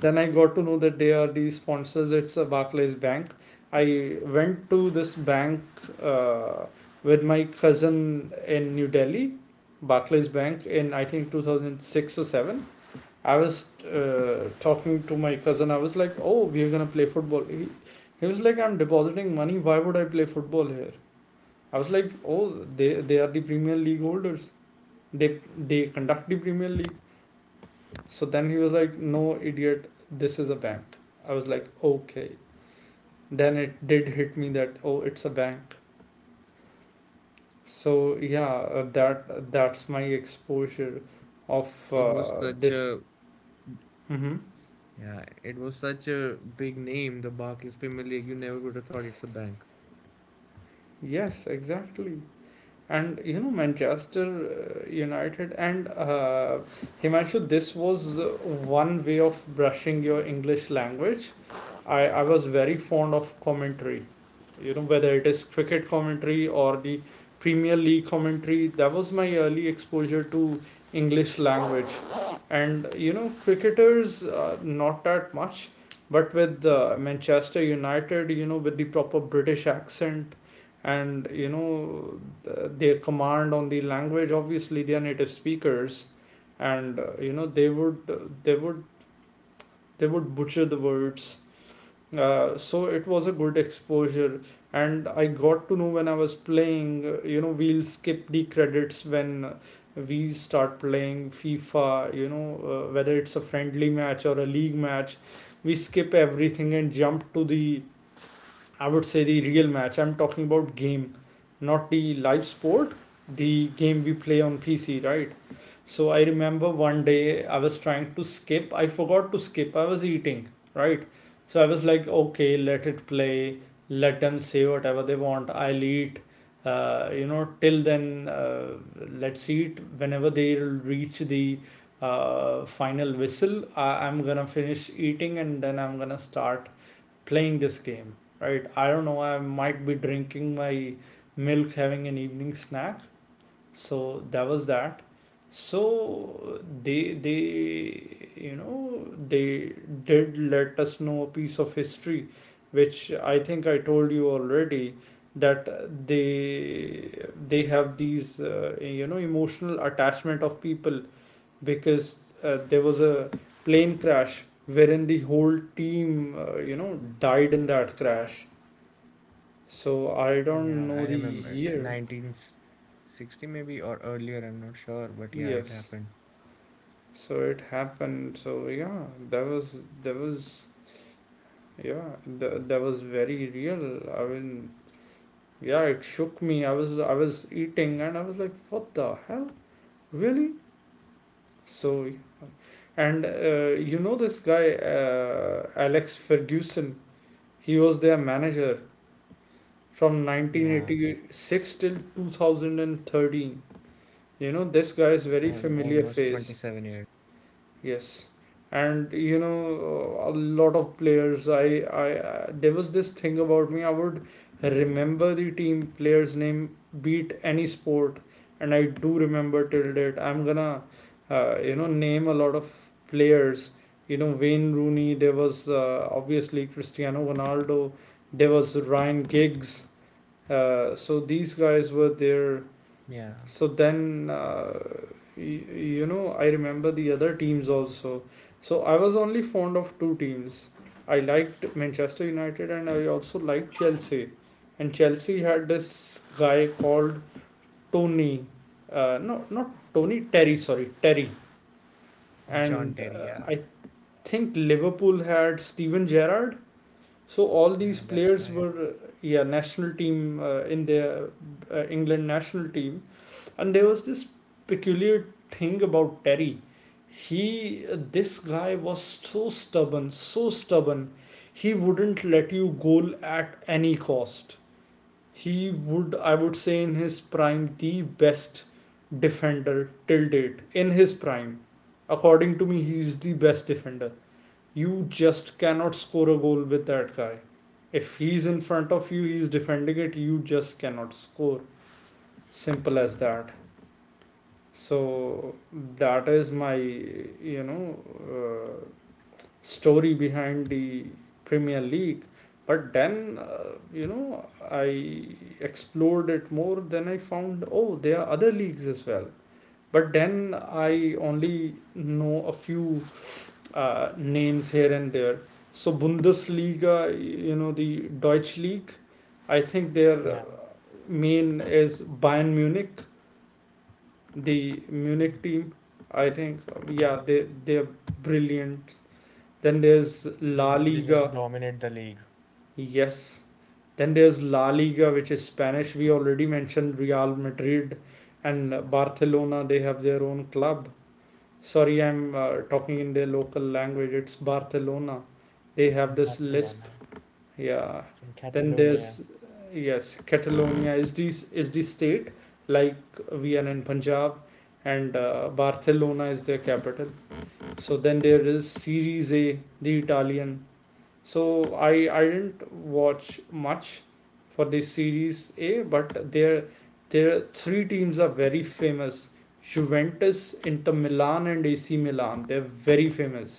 Speaker 1: Then I got to know that they are the sponsors. It's a Barclays bank. I went to this bank uh, with my cousin in New Delhi, Barclays Bank, in I think 2006 or 7. I was talking to my cousin. I was like, "Oh, we're gonna play football." He was like, "I'm depositing money. Why would I play football here?" I was like, "Oh, they are the Premier League holders. They conduct the Premier League." So then he was like, "No, idiot. This is a bank." I was like, "Okay." Then it did hit me that oh, it's a bank. So yeah, that's my exposure
Speaker 3: It
Speaker 1: of
Speaker 3: it was such
Speaker 1: this.
Speaker 3: a
Speaker 1: Mm-hmm.
Speaker 3: yeah, it was such a big name, the Barclays Premier League. You never would have thought it's a bank.
Speaker 1: Yes, exactly. And you know, Manchester United, and Himanshu, this was one way of brushing your English language. I was very fond of commentary. You know, whether it is cricket commentary or the Premier League commentary, that was my early exposure to English language. And, you know, cricketers, not that much, but with Manchester United, you know, with the proper British accent and, you know, their command on the language, obviously they are native speakers. And, you know, they would butcher the words, so it was a good exposure. And I got to know when I was playing you know, we'll skip the credits when we start playing FIFA, you know, whether it's a friendly match or a league match, we skip everything and jump to the, I would say, the real match. I'm talking about game, not the live sport, the game we play on PC, right? So I remember 1 day I was trying to skip. I forgot to skip. I was eating, right? So I was like, okay, let it play. Let them say whatever they want. I'll eat. Till then, let's eat. Whenever they reach the final whistle, I'm gonna finish eating and then I'm gonna start playing this game, right? I don't know. I might be drinking my milk, having an evening snack. So that was that. So they you know, they did let us know a piece of history which I think I told you already, that they have these you know, emotional attachment of people, because there was a plane crash wherein the whole team you know, died in that crash. So I don't
Speaker 3: Yeah,
Speaker 1: know
Speaker 3: I
Speaker 1: the
Speaker 3: remember
Speaker 1: year.
Speaker 3: 1960 maybe or earlier, I'm not sure, but yeah, it
Speaker 1: Yes,
Speaker 3: happened.
Speaker 1: so it happened. So yeah, that was that was yeah, that was very real, I mean, yeah, it shook me. I was eating and I was like, what the hell, really. So yeah. And you know, this guy, Alex Ferguson, he was their manager from
Speaker 3: Yeah,
Speaker 1: 1986 till 2013. You know, this guy is very familiar
Speaker 3: almost
Speaker 1: face.
Speaker 3: 27 years.
Speaker 1: Yes, and you know, a lot of players. I there was this thing about me. I would remember the team player's name, beat any sport, and I do remember till date. I'm gonna, name a lot of players. You know, Wayne Rooney. There was obviously Cristiano Ronaldo. There was Ryan Giggs. So these guys were there.
Speaker 3: Yeah,
Speaker 1: So then y- you know, I remember the other teams also. So I was only fond of two teams. I liked Manchester United and I also liked Chelsea. And Chelsea had this guy called Tony, no, not Tony, Terry, sorry, Terry.
Speaker 3: John
Speaker 1: And
Speaker 3: Terry. Yeah,
Speaker 1: I think Liverpool had Steven Gerrard. So all these
Speaker 3: yeah, that's
Speaker 1: players
Speaker 3: right.
Speaker 1: were yeah, national team, in their England national team. And there was this peculiar thing about Terry. He, this guy was so stubborn, so stubborn. He wouldn't let you goal at any cost. He would, I would say, in his prime, the best defender till date. In his prime, according to me, he's the best defender. You just cannot score a goal with that guy. If he's in front of you, he's defending it, you just cannot score. Simple as that. So that is my, you know, uh, story behind the Premier League. But then you know, I explored it more, then I found, oh, there are other leagues as well. But then I only know a few names here and there. So Bundesliga, you know, the Deutsche league, I think their
Speaker 3: Yeah,
Speaker 1: main is Bayern Munich, the Munich
Speaker 3: mhm.
Speaker 1: team. I think,
Speaker 3: Yeah,
Speaker 1: yeah, they they're brilliant. Then there's La
Speaker 3: they just
Speaker 1: Liga.
Speaker 3: dominate the league.
Speaker 1: Yes. Then there's La Liga, which is Spanish. We already mentioned Real Madrid and Barcelona. They have their own club. Sorry, I'm talking in their local language. It's Barcelona. They have this
Speaker 3: Barcelona,
Speaker 1: lisp,
Speaker 3: yeah,
Speaker 1: yeah.
Speaker 3: from
Speaker 1: Then
Speaker 3: Catalonia.
Speaker 1: there's, yes, Catalonia is the state, like Vienna and Punjab, and Barcelona is their capital. So then there is Series A, the Italian. So I didn't watch much for the Series A, but there three teams are very famous. Juventus, Inter Milan, and AC Milan. They're very famous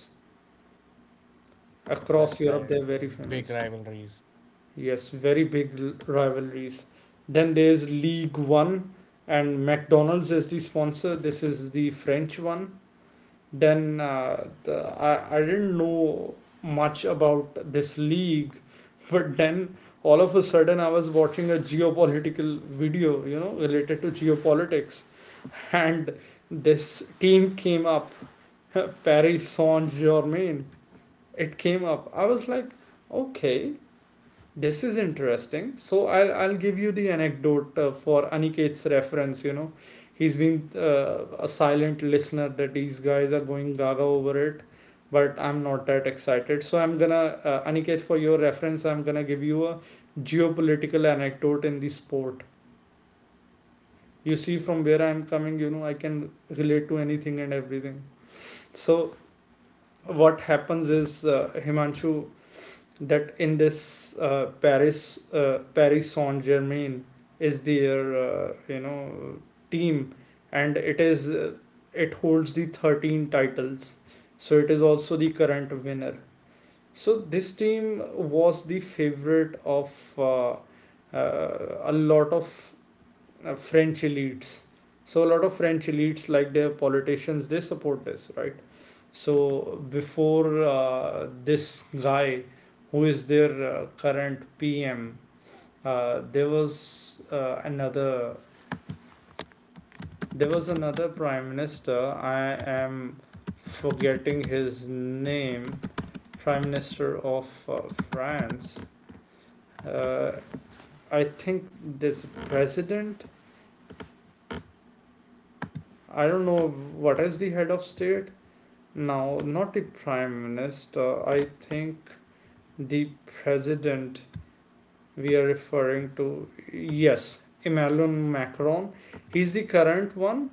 Speaker 3: Yeah, that's
Speaker 1: across Europe.
Speaker 3: right.
Speaker 1: They're very
Speaker 3: Big
Speaker 1: famous.
Speaker 3: rivalries.
Speaker 1: Yes, very big rivalries. Then there's League One, and McDonald's is the sponsor. This is the French one. Then I didn't know much about this league, but then all of a sudden I was watching a geopolitical video, you know, related to geopolitics, and this team came up, Paris Saint Germain. It came up. I was like, okay, this is interesting. So I'll give you the anecdote for Aniket's reference. You know, he's been a silent listener that these guys are going gaga over it, but I'm not that excited. So I'm gonna Aniket, for your reference, I'm gonna give you a geopolitical anecdote in the sport. You see from where I'm coming. You know, I can relate to anything and everything. So what happens is, Himanshu, that in this Paris Saint Germain is their team, and it is it holds the 13 titles, so it is also the current winner. So this team was the favorite of a lot of French elites. So a lot of French elites, like their politicians, they support this, right? So before this guy, who is their current PM, there was another prime minister. I am forgetting his name. Prime Minister of France. Uh, I think there's a president. I don't know what is the head of state. No, not the prime minister. I think the president we are referring to, yes, Emmanuel Macron, he's the current one.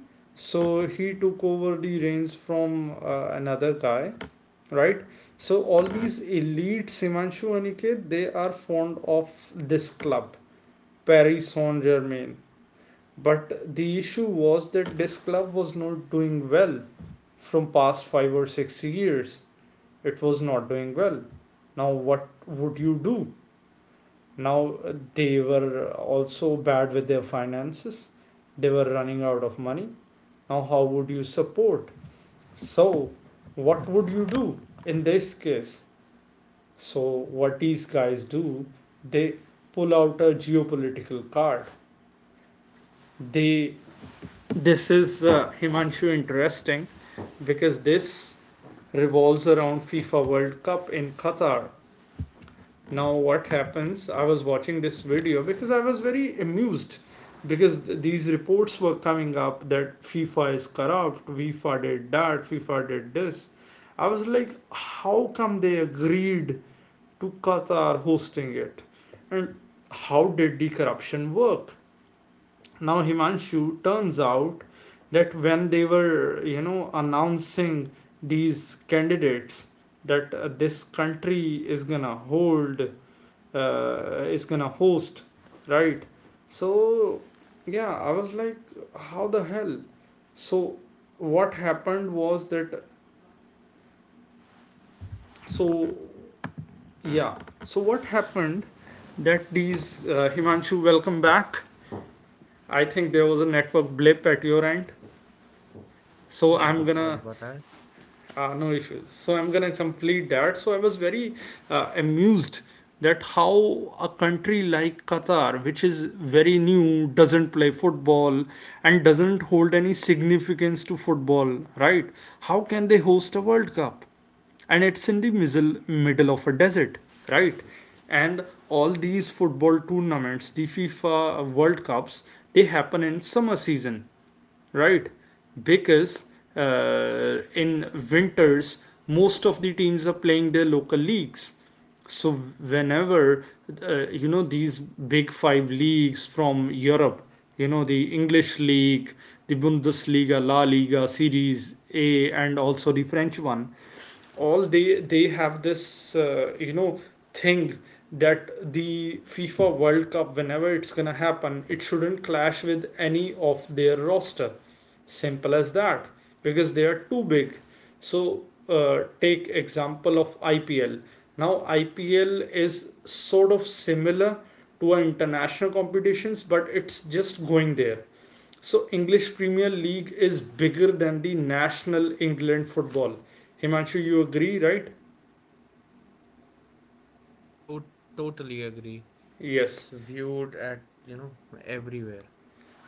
Speaker 1: So he took over the reins from another guy, right? So all these elite, Simanshu, Aniket, they are fond of this club, Paris Saint Germain. But the issue was that this club was not doing well from past 5 or 6 years. It was not doing well. Now what would you do? Now they were also bad with their finances. They were running out of money. Now how would you support? So what would you do in this case? So what these guys do, they pull out a geopolitical card. They, this is Himanshu, interesting, because this revolves around FIFA World Cup in Qatar. Now what happens, I was watching this video because I was very amused, because these reports were coming up that FIFA is corrupt, FIFA did that, FIFA did this. I was like, how come they agreed to Qatar hosting it? And how did the corruption work? Now Himanshu, turns out that when they were, you know, announcing these candidates, that this country is gonna hold, is gonna host, right? So yeah, I was like, how the hell? So what happened was that, so yeah. So what happened, that these Himanshu, welcome back. I think there was a network blip at your end, so I'm gonna no issues. So I'm gonna complete that. So I was very amused, that how a country like Qatar, which is very new, doesn't play football and doesn't hold any significance to football, right? How can they host a World Cup? And it's in the middle of a desert, right? And all these football tournaments, the FIFA World Cups, they happen in summer season, right? Because in winters, most of the teams are playing their local leagues. So whenever you know these big five leagues from Europe, you know, the English league, the Bundesliga, La Liga, Series A, and also the French one, all they have this you know thing, that the FIFA World Cup, whenever it's gonna happen, it shouldn't clash with any of their roster. Simple as that. Because they are too big. So take example of IPL. Now IPL is sort of similar to our international competitions, but it's just going there. So English Premier League is bigger than the national England football. Himanshu, you agree, right? Yes.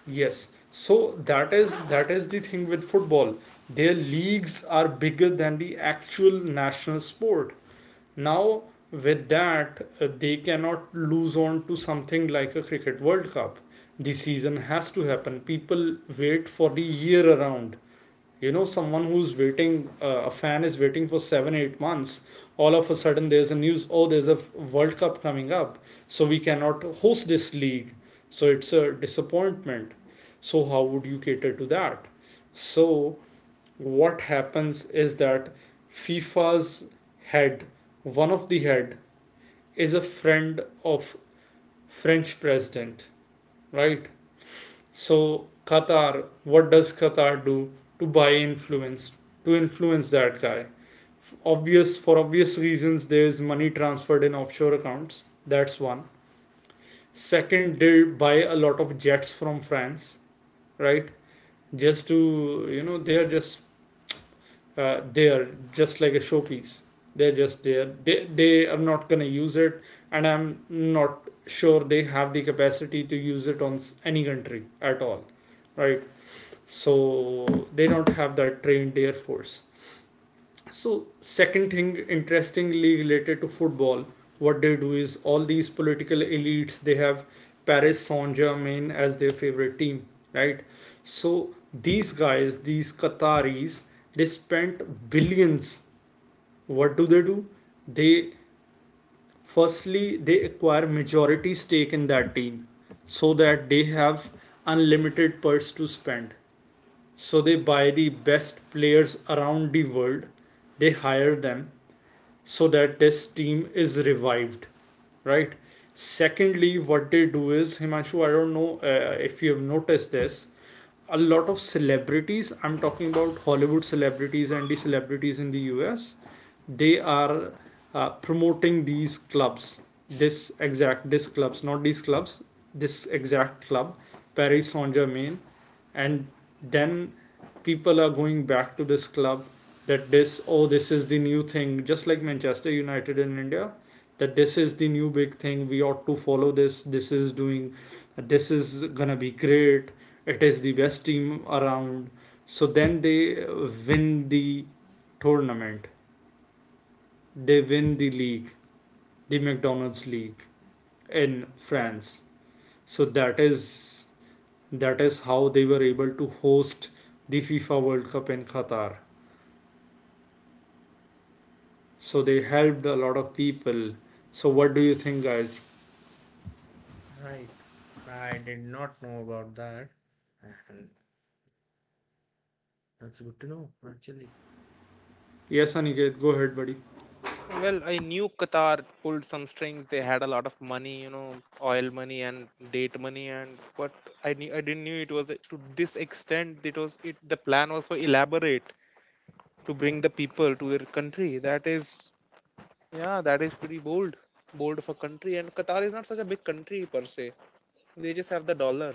Speaker 1: Yes. So that is, that is the thing with football. Their leagues are bigger than the actual national sport. Now with that, they cannot lose on to something like a cricket World Cup. The season has to happen. People wait for the year around. You know, someone who's waiting, a fan is waiting for 7 8 months, all of a sudden there's a news, oh there's a world cup coming up. So we cannot host this league, so it's a disappointment. So how would you cater to that? So what happens is that, FIFA's head, one of the head, is a friend of French president, right? So, Qatar, what does Qatar do to buy influence, to influence that guy? Obvious, for obvious reasons, there is money transferred in offshore accounts. That's one. Second, they buy a lot of jets from France, right? Just to, you know, they are just there, just like a showpiece. They're just there. They are not gonna use it, and I'm not sure they have the capacity to use it on any country at all, right? So they don't have that trained air force. So second thing, interestingly related to football, what they do is, all these political elites they have Paris Saint-Germain as their favorite team, right? So these guys, these Qataris, they spent billions. What do they do? They, firstly they acquire majority stake in that team, so that they have unlimited purse to spend. So they buy the best players around the world, they hire them, so that this team is revived, right? Secondly, what they do is, Himanshu, I don't know if you have noticed this. A lot of celebrities, I'm talking about Hollywood celebrities and the celebrities in the US, they are promoting these clubs, this exact, this clubs, not these clubs, this exact club, Paris Saint Germain, and then people are going back to this club, that this, oh this is the new thing, just like Manchester United in India, that this is the new big thing, we ought to follow this, this is doing, this is gonna be great, it is the best team around. So then they win the tournament, they win the league, the McDonald's league in France. So that is, that is how they were able to host the FIFA World Cup in Qatar. So they helped a lot of people. So what do you think, guys? Yes, Aniket, go ahead, buddy.
Speaker 2: Well, I knew Qatar pulled some strings. They had a lot of money, you know, oil money and date money, and but I knew I didn't knew it was to this extent. It was it. The plan was so elaborate to bring the people to their country. That is, yeah, that is pretty bold, bold of a country. And Qatar is not such a big country per se. They just have the dollars.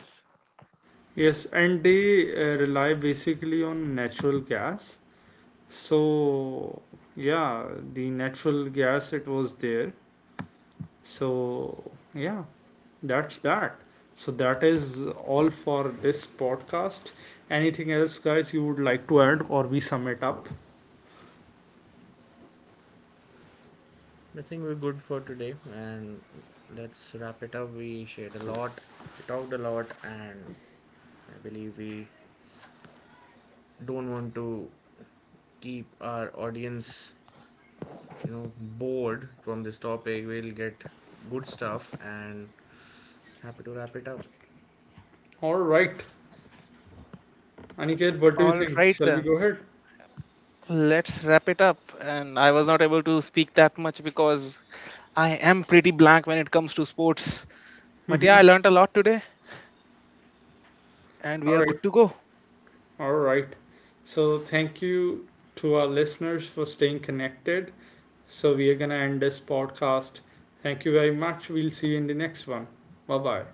Speaker 1: Yes, and they rely basically on natural gas. So yeah, the natural gas, it was there. So yeah, that's that. So that is all for this podcast. Anything else, guys, you would like to add, or we sum it up? All right. Aniket, what do you
Speaker 2: All
Speaker 1: think?
Speaker 2: right
Speaker 1: Shall we
Speaker 2: then,
Speaker 1: go ahead?
Speaker 2: let's wrap it up. And I was not able to speak that much because I am pretty blank when it comes to sports. But yeah, I
Speaker 1: Mhm.
Speaker 2: learned a lot today and we
Speaker 1: All
Speaker 2: are
Speaker 1: right,
Speaker 2: good to go.
Speaker 1: all right. So, thank you to our listeners for staying connected. So, we are going to end this podcast. Thank you very much. We'll see you in the next one. Bye bye.